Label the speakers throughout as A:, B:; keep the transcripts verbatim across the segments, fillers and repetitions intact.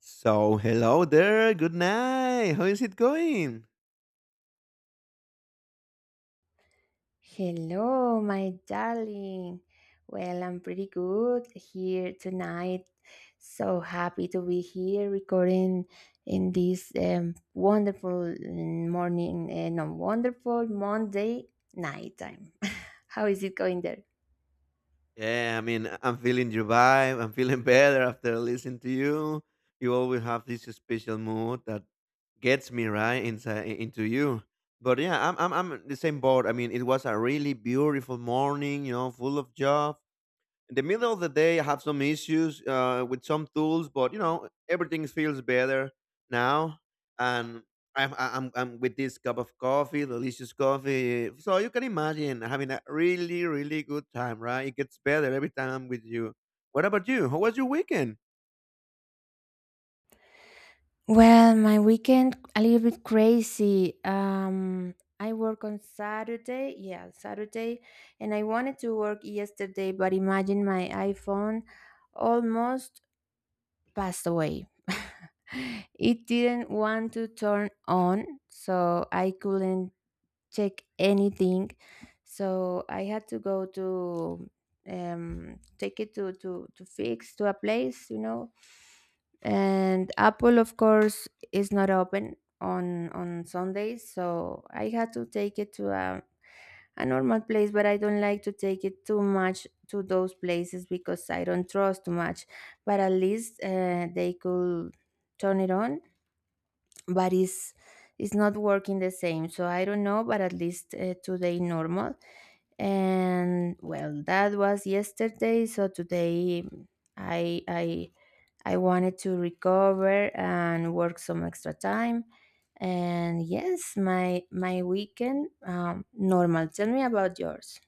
A: So, hello there. Good night. How is it going?
B: Hello, my darling. Well, I'm pretty good here tonight. So happy to be here recording in this um, wonderful mm, morning, uh, no, wonderful Monday night time. How is it going there?
A: Yeah, I mean, I- I'm feeling your vibe. I'm feeling better after listening to you. You always have this special mood that gets me right inside into you. But yeah, I'm I'm I'm in the same boat. I mean, it was a really beautiful morning, you know, full of joy, in the middle of the day I have some issues uh, with some tools, but you know everything feels better now. And I'm, I'm i'm with this cup of coffee, delicious coffee, so you can imagine having a really really good time, right? It gets better every time I'm with you. What about you? How was your weekend?
B: Well, my weekend a little bit crazy. Um, I work on Saturday, yeah, Saturday, and I wanted to work yesterday, but imagine my iPhone almost passed away. It didn't want to turn on, so I couldn't check anything. So I had to go to um take it to to to fix to a place you know and Apple of course is not open on on Sundays, so I had to take it to a, a normal place, but I don't like to take it too much to those places because I don't trust too much. But at least uh, they could turn it on, but it's it's not working the same, so I don't know. But at least uh, today normal. And well, that was yesterday, so today i i i wanted to recover and work some extra time. And yes, my my weekend um normal. Tell me about yours.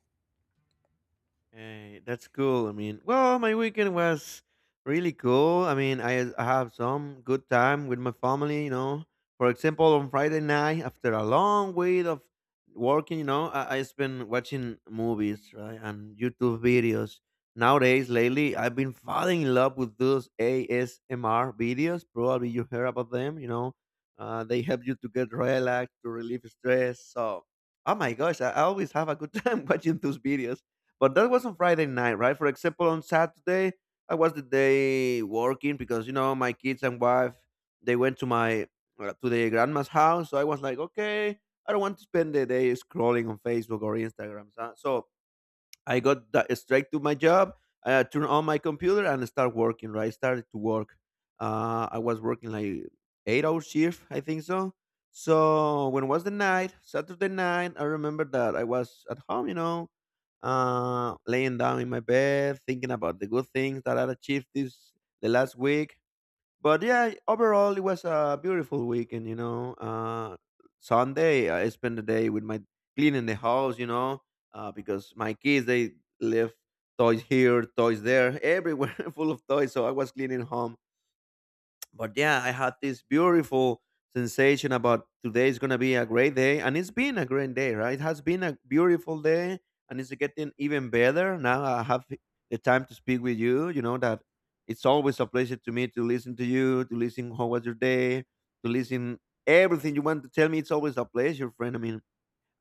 A: Hey, that's cool. I mean, well, my weekend was really cool. I mean, I, I have some good time with my family, you know. For example, on Friday night, after a long week of working, you know, I, I spent watching movies, right, and YouTube videos. Nowadays, lately, I've been falling in love with those A S M R videos. Probably you heard about them, you know. Uh, they help you to get relaxed, to relieve stress. So, oh my gosh, I I always have a good time watching those videos. But that was on Friday night, right? For example, on Saturday, I was the day working because you know my kids and wife they went to my uh, to the grandma's house, so I was like, okay, I don't want to spend the day scrolling on Facebook or Instagram. So, so I got that straight to my job. I turned on my computer and start working. Right, started to work. Uh, I was working like eight hour shift, I think so. So when was the night? Saturday night. I remember that I was at home, you know, uh, laying down in my bed, thinking about the good things that I achieved this the last week. But yeah, overall it was a beautiful weekend. You know, uh, Sunday I spent the day with my cleaning the house. You know, uh, because my kids they left toys here, toys there, everywhere, full of toys. So I was cleaning home, but yeah, I had this beautiful sensation about today is gonna be a great day, and it's been a great day, right? It has been a beautiful day, and it's getting even better now. I have the time to speak with you. You know that it's always a pleasure to me to listen to you, to listen how was your day, to listen everything you want to tell me. It's always a pleasure, friend. I mean,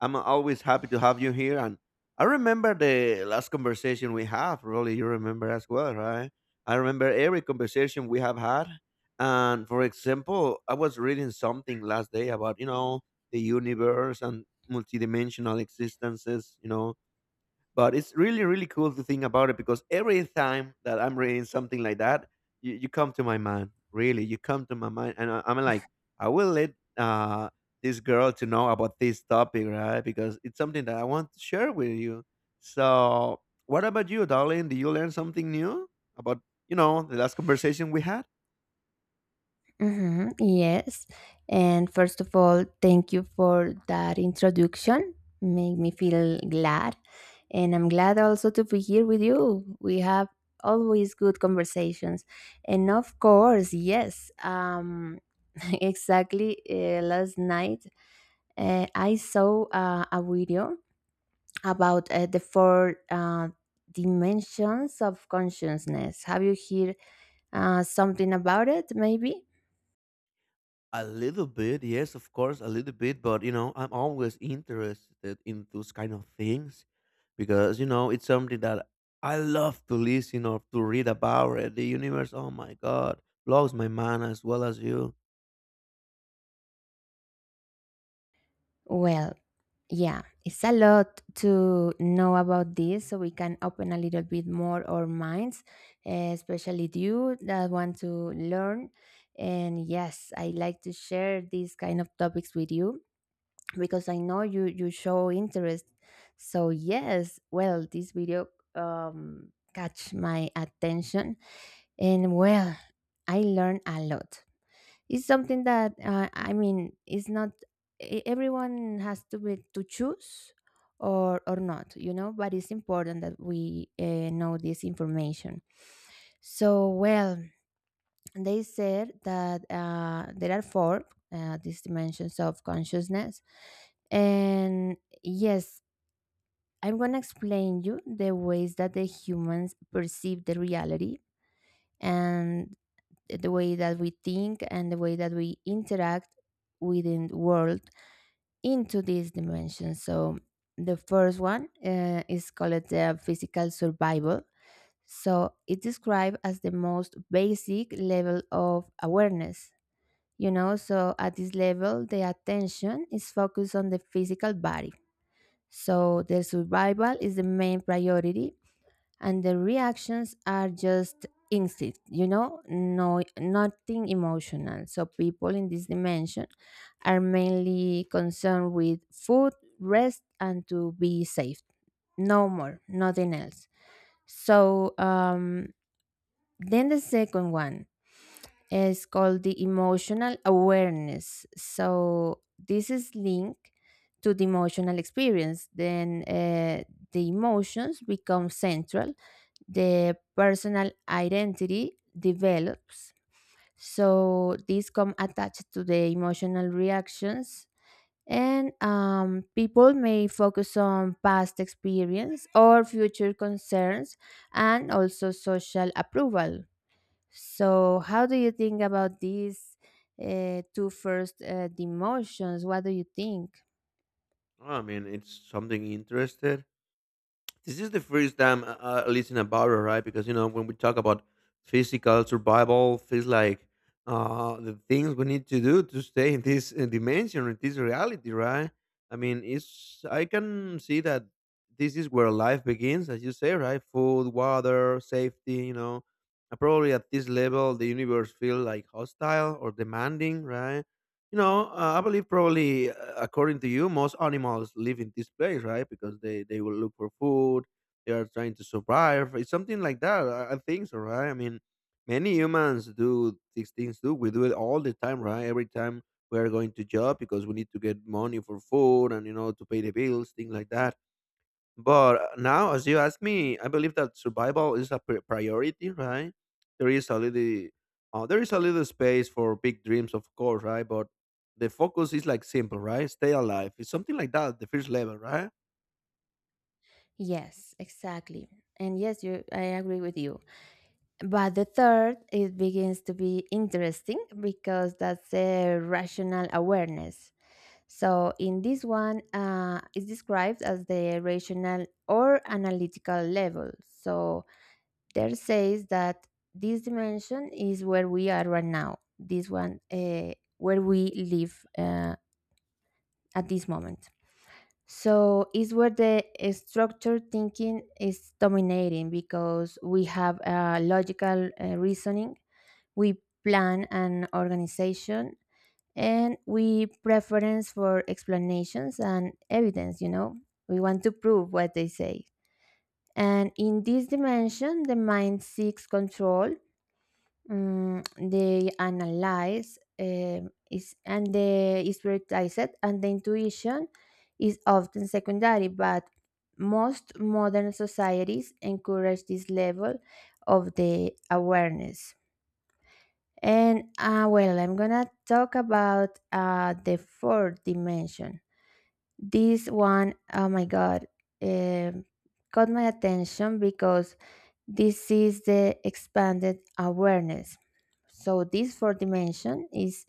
A: I'm always happy to have you here. And I remember the last conversation we have. Really, you remember as well, right? I remember every conversation we have had. And for example, I was reading something last day about you know the universe and multidimensional existences. You know, but it's really, really cool to think about it because every time that I'm reading something like that, you, you come to my mind. Really, you come to my mind, and I, I'm like, I will let uh, this girl to know about this topic, right? Because it's something that I want to share with you. So, what about you, darling? Did you learn something new about you know the last conversation we had?
B: Mhm, yes. And first of all, thank you for that introduction. Made me feel glad. And I'm glad also to be here with you. We have always good conversations. And of course, yes, um, exactly uh, last night uh, I saw uh, a video about uh, the four uh, dimensions of consciousness. Have you heard uh, something about it, maybe?
A: A little bit, yes, of course, a little bit, but you know, I'm always interested in those kind of things because you know it's something that I love to listen or to read about it. The universe, oh my god, blows my mind as well as you.
B: Well, yeah, it's a lot to know about this, so we can open a little bit more our minds, eh, especially you that want to learn. And yes, I like to share these kind of topics with you because I know you you show interest. So yes, well, this video um catch my attention, and well, I learn a lot. It's something that uh, I mean, it's not e- everyone has to be to choose or or not, you know. But it's important that we uh, know this information. So well, they said that uh, there are four uh, these dimensions of consciousness, and yes, I'm gonna explain you the ways that the humans perceive the reality and the way that we think and the way that we interact within the world into these dimensions. So the first one uh, is called the physical survival. So it's described as the most basic level of awareness. You know, so at this level, the attention is focused on the physical body. So the survival is the main priority, and the reactions are just instinct you know no, nothing emotional. So people in this dimension are mainly concerned with food, rest, and to be safe. No more, nothing else. So um then the second one is called the emotional awareness. So this is linked to the emotional experience. Then uh, the emotions become central. The personal identity develops. So these come attached to the emotional reactions, and um, people may focus on past experience or future concerns, and also social approval. So, how do you think about these uh, two first uh, demotions? What do you think?
A: I mean, it's something interested. This is the first time I, I listen about it, right? Because you know when we talk about physical survival, feels like uh, the things we need to do to stay in this uh, dimension, in this reality, right? I mean, it's I can see that this is where life begins, as you say, right? Food, water, safety, you know. Uh, Probably at this level, the universe feel like hostile or demanding, right? You know, uh, I believe probably, uh, according to you, most animals live in this place, right? Because they they will look for food. They are trying to survive. It's something like that. I, I think so, right? I mean, many humans do these things too. We do it all the time, right? Every time we are going to job because we need to get money for food and you know to pay the bills, things like that. But uh, now, as you ask me, I believe that survival is a pri- priority, right? There is a little, uh, there is a little space for big dreams, of course, right? But the focus is like simple, right? Stay alive. It's something like that, the first level, right?
B: Yes, exactly. And yes, you, I agree with you. But the third, it begins to be interesting because that's a rational awareness. So in this one, uh, it's described as the rational or analytical level. So there says that this dimension is where we are right now. This one, uh, where we live uh, at this moment. So it's where the uh, structured thinking is dominating because we have uh, logical uh, reasoning. We plan an organization, and we preference for explanations and evidence you know we want to prove what they say. And in this dimension, the mind seeks control. Mm, they analyze, um, is, and they is prioritized, and the intuition is often secondary. But most modern societies encourage this level of the awareness. And uh, well, I'm gonna talk about uh, the fourth dimension. This one, oh my god, um caught my attention because this is the expanded awareness. So, this fourth dimension is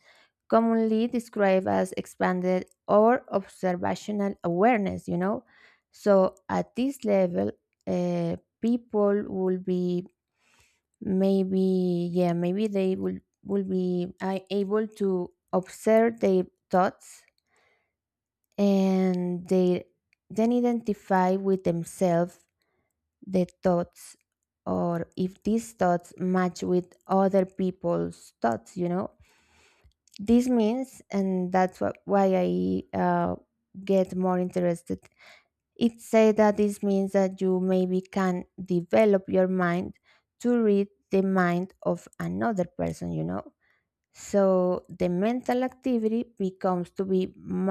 B: commonly described as expanded or observational awareness, you know. So, at this level, uh, people will be maybe, yeah, maybe they will will be uh, able to observe their thoughts, and they then identify with themselves the thoughts, or if these thoughts match with other people's thoughts you know this means, and that's what, why I uh, get more interested. It say that this means that you maybe can develop your mind to read the mind of another person you know So the mental activity becomes to be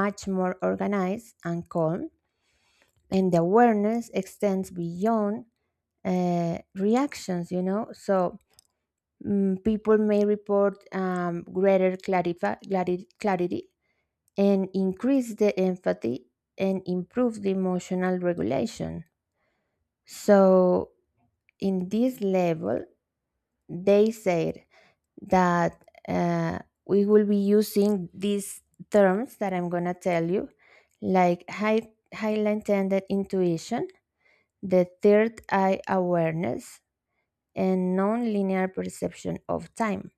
B: much more organized and calm, and the awareness extends beyond uh, reactions, you know. So mm, people may report um, greater clarifi- clari- clarity and increase the empathy and improve the emotional regulation. So in this level, they said that uh, we will be using these terms that I'm going to tell you, like high, highly intended intuition, the third eye awareness, and non-linear perception of time.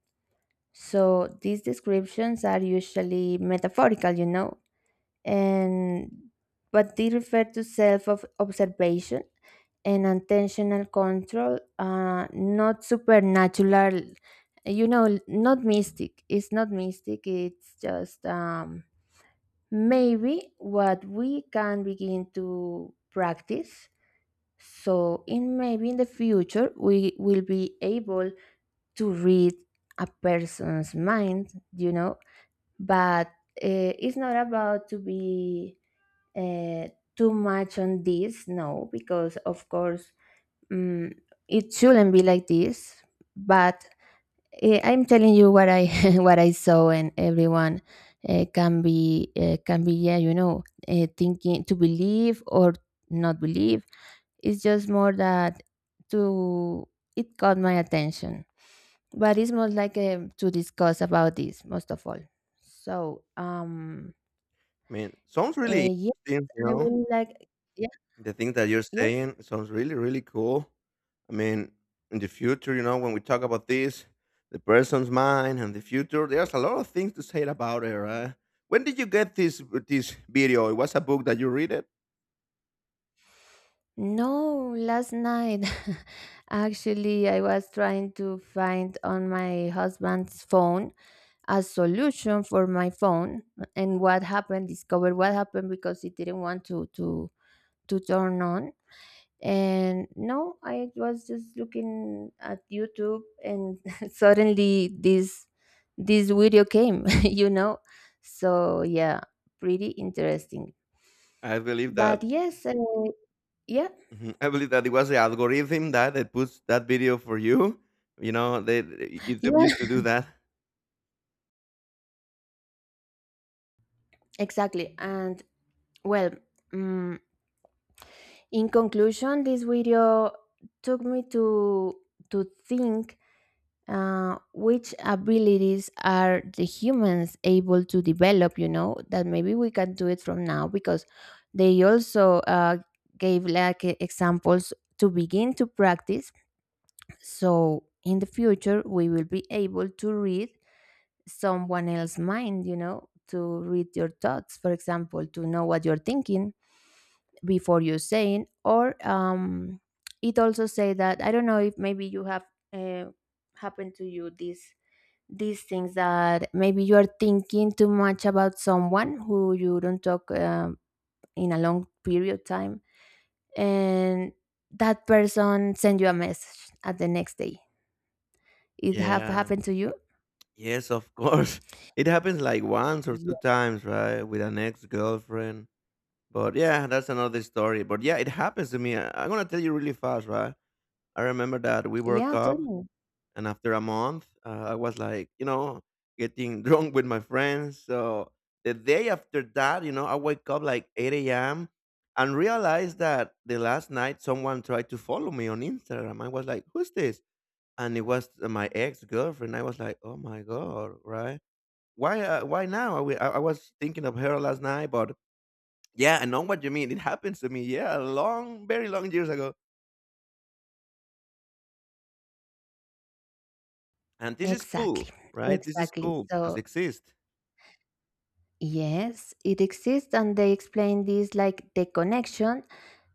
B: So these descriptions are usually metaphorical, you know, and but they refer to self of observation and intentional control, uh, not supernatural you know not mystic, it's not mystic, it's just um, maybe what we can begin to practice, so in maybe in the future we will be able to read a person's mind you know But uh, it's not about to be uh, too much on this, no, because of course, mm it shouldn't be like this. But eh, I'm telling you what I what I saw, and everyone uh, can be uh, can be, yeah, you know uh, thinking to believe or not believe. It's just more that to it caught my attention, but it's more like, um, to discuss about this most of all. So, um
A: I mean, sounds really
B: uh, yes,
A: interesting, you
B: I
A: know.
B: would like. Yeah.
A: The thing that you're
B: Yes.
A: saying sounds really, really cool. I mean, in the future, you know, when we talk about this, the person's mind and the future, there's a lot of things to say about it, right? When did you get this this video? It was a book that you read it.
B: No, last night. Actually, I was trying to find on my husband's phone a solution for my phone, and what happened, discovered what happened because it didn't want to to to turn on. And no, I was just looking at YouTube and suddenly this this video came. you know. So, yeah, pretty interesting.
A: I believe
B: But
A: that.
B: yes, uh, yeah.
A: Mhm. I believe that it was the algorithm that that puts that video for you. You know, they YouTube
B: Yeah,
A: used to do that.
B: exactly. And well, mm, in conclusion, this video took me to to think uh, which abilities are the humans able to develop. You know that maybe we can do it from now because they also uh, gave like e- examples to begin to practice. So in the future, we will be able to read someone else's mind. You know, to read your thoughts, for example, to know what you're thinking before you saying, or um it also say that I don't know if maybe you have uh, happened to you these these things that maybe you are thinking too much about someone who you don't talk um, in a long period of time, and that person send you a message at the next day. It have
A: Yeah.
B: happened to you?
A: Yes, of course. It happens like once or
B: Yeah,
A: two times, right? With an ex girlfriend. But yeah, that's another story. But yeah, it happens to me. I, I'm gonna tell you really fast, right? I remember that we broke
B: yeah, tell
A: up,
B: me.
A: and after a month, uh, I was like, you know, getting drunk with my friends. So the day after that, you know, I wake up like eight a m and realized that the last night someone tried to follow me on Instagram. I was like, who's this? And it was uh, my ex girlfriend. I was like, oh my god, right? Why? Uh, why now? I, wa- I I was thinking of her last night, but yeah, I know what you mean. It happens to me. Yeah, long, very long years ago. And this is cool,
B: Exactly,
A: right? This is
B: exactly.
A: cool because it
B: So,
A: exists.
B: yes, it exists, and they explain this like the connection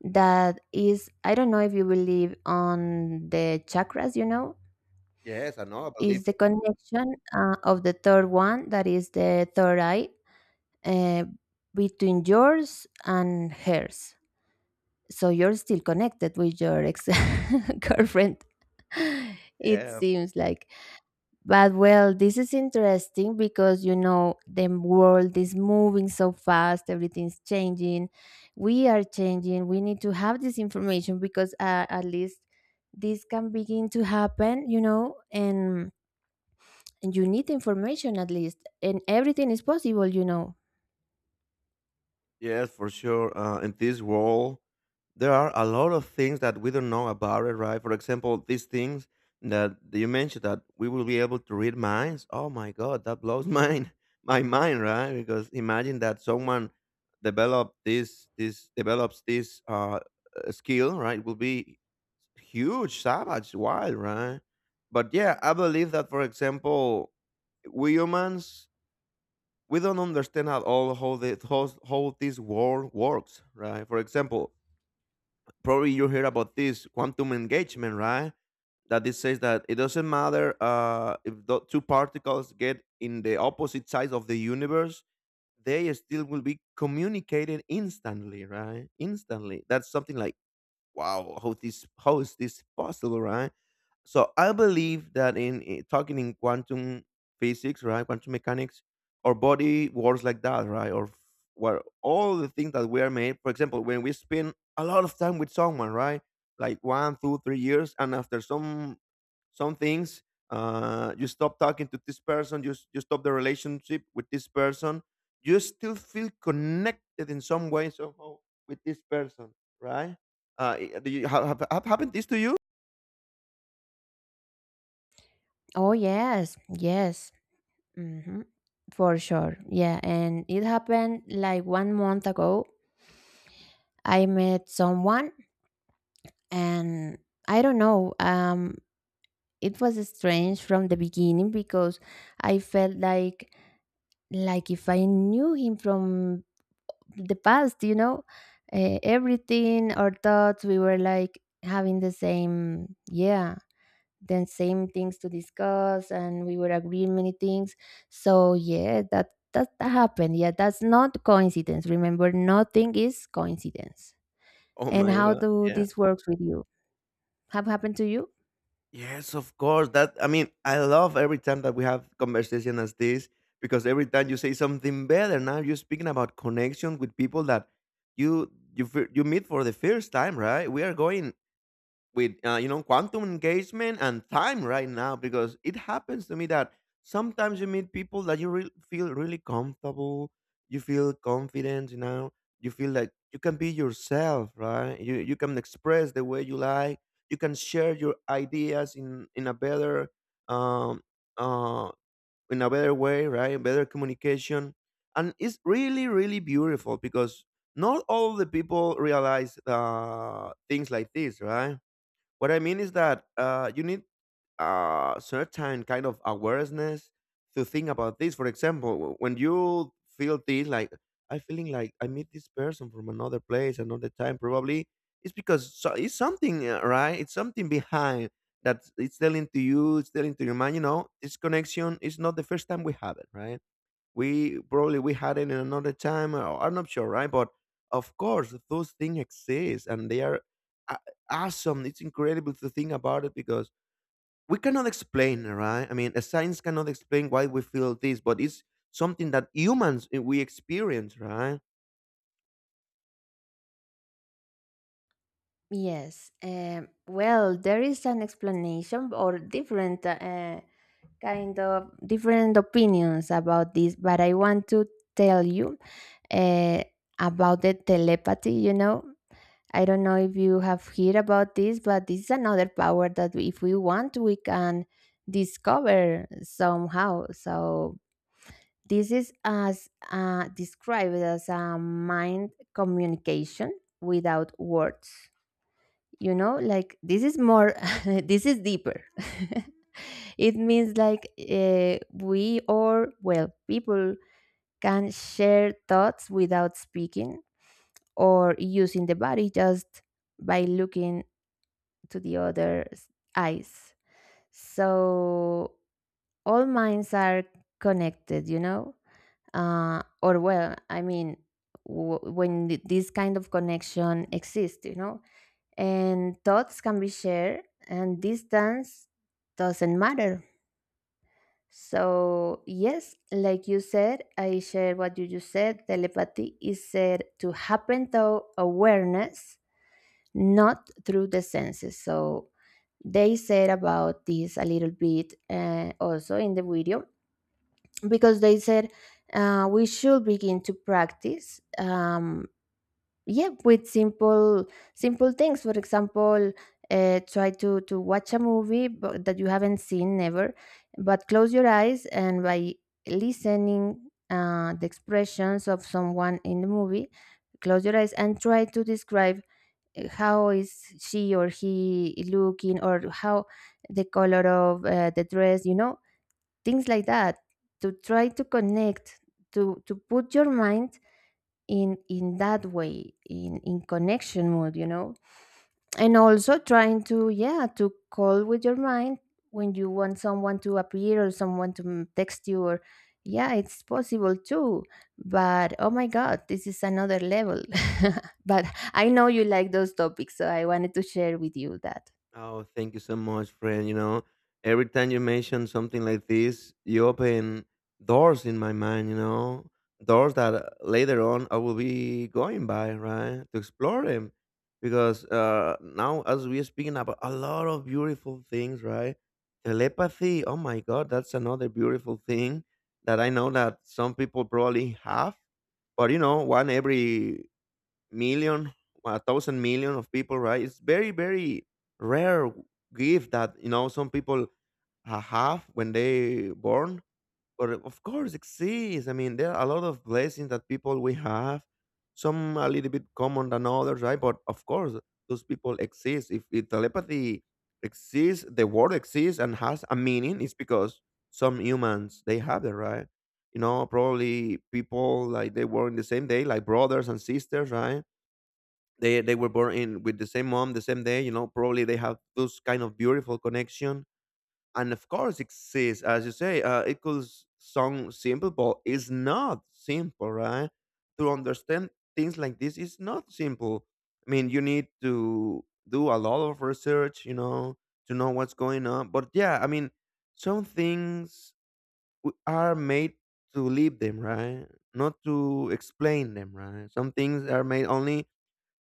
B: that is. I don't know if you believe on the chakras, you know,
A: Yes, I know. I believe
B: is the
A: it.
B: connection uh, of the third one, that is the third eye, uh, between yours and hers. So you're still connected with your ex girlfriend. It
A: Yeah.
B: seems like. But well, this is interesting because you know the world is moving so fast, everything's changing. We are changing. We need to have this information because uh, at least this can begin to happen, you know, and, and, you need information at least. And everything is possible, you know.
A: Yes, for sure. Uh, in this world, there are a lot of things that we don't know about it, right? For example, these things that you mentioned that we will be able to read minds. Oh my God, that blows mine, my mind, right? Because imagine that someone develop this, this develops this uh, uh, skill, right? Will be huge, savage, wild, right? But yeah, I believe that, for example, we humans we don't understand at all how the how, how this world works, right? For example, probably you hear about this quantum engagement, right? That it says that it doesn't matter uh, if the two particles get in the opposite sides of the universe, they still will be communicated instantly, right? Instantly. That's something like wow, how this, how is this possible, right? So I believe that in, in- talking in quantum physics, right, quantum mechanics, our body works like that, right, or f- where all the things that we are made for example when we spend a lot of time with someone, right, like one two three years, and after some some things uh you stop talking to this person, you, s- you stop the relationship with this person, you still feel connected in some way, somehow, with this person, right? Uh, i do you have have have happened this to you?
B: Oh, yes, yes. Hmm. For sure. Yeah. And it happened like one month ago. I met someone, and I don't know. Um, it was strange from the beginning because I felt like like if I knew him from the past, you know, uh, everything, our thoughts, we were like having the same yeah the same things to discuss, and we were agreeing many things. So yeah, that that, that happened. Yeah, that's not coincidence. Remember, nothing is coincidence.
A: Oh
B: And
A: my
B: how
A: god,
B: do
A: yeah.
B: this works with you? Have happened to you?
A: Yes, of course. That I mean, I love every time that we have conversation as this, because every time you say something better. Now you're speaking about connection with people that you you fir- you meet for the first time, right? We are going with uh, you know quantum engagement and time right now because it happens to me that sometimes you meet people that you re- feel really comfortable, you feel confident, you know, you feel like you can be yourself, right? You you can express the way you like, you can share your ideas in in a better um uh in a better way, right? Better communication. And it's really really beautiful because not all the people realize uh things like this, right? What I mean is that uh, you need a certain kind of awareness to think about this. For example, w- when you feel this, like I feeling like I meet this person from another place, another time, probably it's because so it's something, uh, right? It's something behind that it's telling to you, it's telling to your mind. You know, this connection is not the first time we have it, right? we probably we had it in another time, or I'm not sure, right? But of course those things exist, and they are a- awesome. It's incredible to think about it because we cannot explain, right? I mean, a science cannot explain why we feel this, but it's something that humans, eh, we experience, right?
B: Yes. Um, well, there is an explanation or different uh, kind of different opinions about this, but I want to tell you uh, about the telepathy. You know, I don't know if you have heard about this, but this is another power that if we want, we can discover somehow. So this is as uh, described as a mind communication without words, you know, like this is more this is deeper. It means like uh, we or well, people can share thoughts without speaking or using the body, just by looking to the other's eyes. So all minds are connected, you know. Uh, or well, I mean w- when th- this kind of connection exists, you know, and thoughts can be shared, and distance doesn't matter. So yes, like you said, I share what you just said. Telepathy is said to happen through awareness, not through the senses. So they said about this a little bit, uh, also in the video, because they said uh, we should begin to practice, um, yeah, with simple simple things. For example, uh, try to to watch a movie but that you haven't seen never. But close your eyes and by listening uh, the expressions of someone in the movie, close your eyes and try to describe uh, how is she or he looking, or how the color of uh, the dress, you know, things like that. To try to connect, to to put your mind in in that way, in in connection mood, you know. And also trying to, yeah, to call with your mind when you want someone to appear or someone to m- text you, or yeah, it's possible too. But oh my God, this is another level. But I know you like those topics, so I wanted to share with you that.
A: Oh, thank you so much, friend. You know, every time you mention something like this, you open doors in my mind, you know, doors that uh, later on I will be going by, right? To explore them. Because uh, now, as we are speaking about a lot of beautiful things, right? Telepathy, oh my God, that's another beautiful thing that I know that some people probably have. But, you know, one every million, a thousand million of people, right? It's very, very rare gift that, you know, some people ha- have when they born. But of course, exists. I mean, there are a lot of blessings that people we have. Some a little bit common than others, right? But of course, those people exist. If, if telepathy exists, the word exists and has a meaning. It's because some humans they have it, right? You know, probably people like they were in the same day, like brothers and sisters, right? They they were born in with the same mom, the same day. You know, probably they have those kind of beautiful connection. And of course, it says, as you say, uh, it could s- sound simple, but it's not simple, right? To understand things like this is not simple. I mean, you need to do a lot of research, you know, to know what's going on. But yeah, I mean, some things w- are made to leave them, right? Not to explain them, right? Some things are made only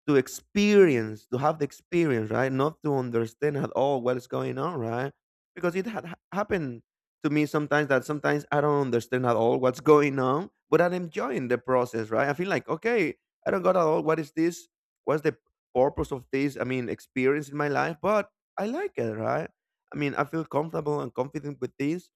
A: to experience, to have the experience, right? Not to understand at all what is going on, right? Because it had ha- happened to me sometimes that sometimes I don't understand at all what's going on, but I'm enjoying the process, right? I feel like, okay, I don't got at all what is this? What's the purpose of this? I mean, experience in my life, but I like it, right? I mean, I feel comfortable and confident with this,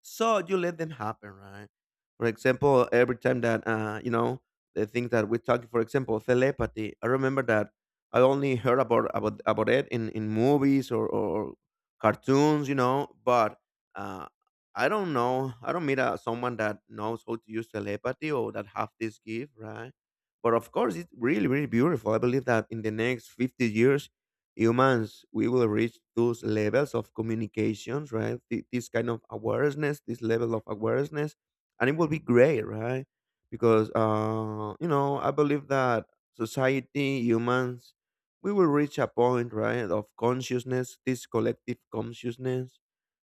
A: so you let them happen, right? For example, every time that uh, you know the things that we talk, for example, telepathy. I remember that I only heard about about about it in in movies or or cartoons, you know. But uh, I don't know. I don't meet uh, someone that knows how to use telepathy or that have this gift, right? But of course, it's really really beautiful. I believe that in the next fifty years, humans we will reach those levels of communications, right? Th- this kind of awareness, this level of awareness, and it will be great, right? Because uh you know, I believe that society, humans, we will reach a point, right, of consciousness, this collective consciousness,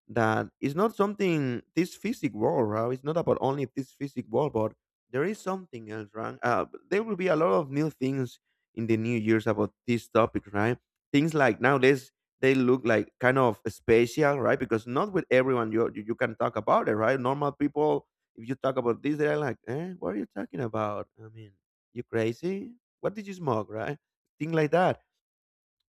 A: that it's not something this physic world, right? It's not about only this physic world, but there is something else, right? Uh, there will be a lot of new things in the new years about these topics, right? Things like nowadays they look like kind of spatial, right? Because not with everyone you you, you can talk about it, right? Normal people, if you talk about this, they're like, eh, what are you talking about? I mean, you crazy? What did you smoke, right? Thing like that,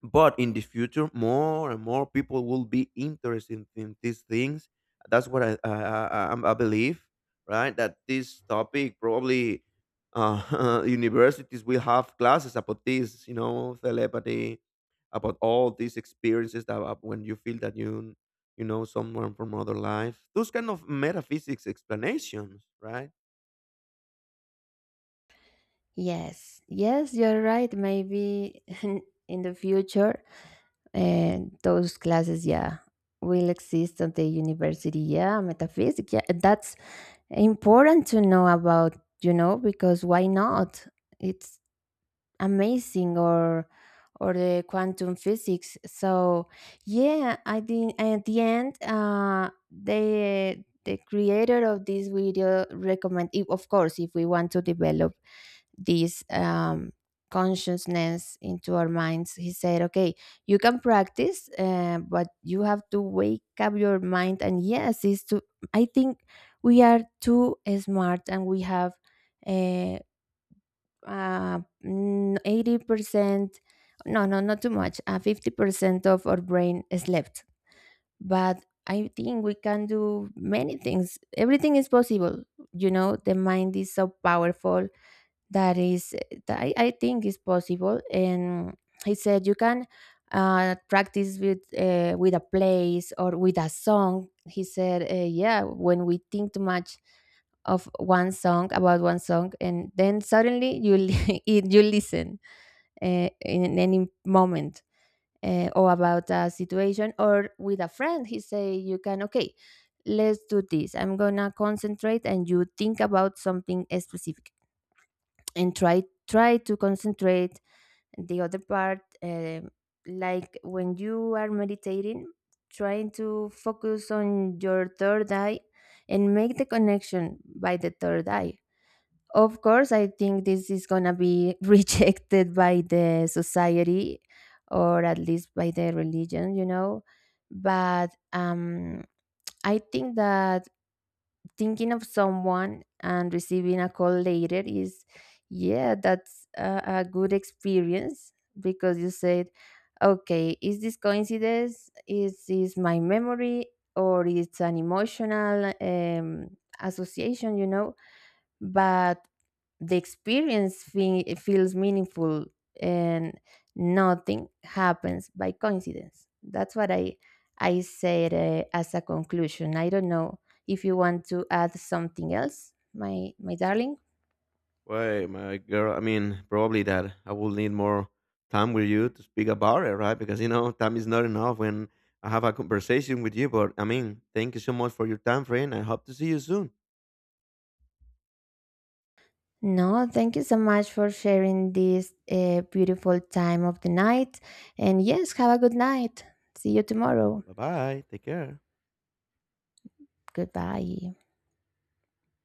A: but in the future more and more people will be interested in these things. That's what i i, I, I'm- I believe, right, that this topic probably uh, universities will have classes about this, you know, telepathy, about all these experiences that uh, when you feel that you you know someone from other life, those kind of metaphysics explanations, right?
B: Yes, yes, you're right. Maybe in the future, and those classes, yeah, will exist at the university. Yeah, metaphysics. Yeah, that's important to know about, you know, because why not? It's amazing, or or the quantum physics. So yeah, I think at the end, uh, the the creator of this video recommend, if of course if we want to develop this, um, consciousness into our minds. He said, okay, you can practice, uh, but you have to wake up your mind. And yes, it's to, I think we are too smart and we have uh, uh, mm, eighty percent, no, no, not too much, uh, fifty percent of our brain slept. But I think we can do many things. Everything is possible. You know, the mind is so powerful that is that I, I think is possible. And he said you can uh, practice with uh, with a place or with a song. He said uh, yeah, when we think too much of one song, about one song, and then suddenly you li- it- you listen uh, in any moment, uh, or about a situation or with a friend. He say you can, okay, let's do this, I'm gonna concentrate, and you think about something specific and try, try to concentrate the other part. Um, like when you are meditating, trying to focus on your third eye and make the connection by the third eye. Of course, I think this is going to be rejected by the society, or at least by the religion, you know. But um, I think that thinking of someone and receiving a call later is, yeah, that's a, a good experience. Because you said, okay, is this coincidence, is this my memory, or it's an emotional, um, association, you know. But the experience fe- feels meaningful. And nothing happens by coincidence. That's what I I said, uh, as a conclusion. I don't know if you want to add something else, my my darling.
A: Why, my girl, I mean, probably that I will need more time with you to speak about it, right? Because, you know, time is not enough when I have a conversation with you. But, I mean, thank you so much for your time, friend. I hope to see you soon.
B: No, thank you so much for sharing this uh, beautiful time of the night. And yes, have a good night. See you tomorrow.
A: Bye bye. Take care.
B: Goodbye.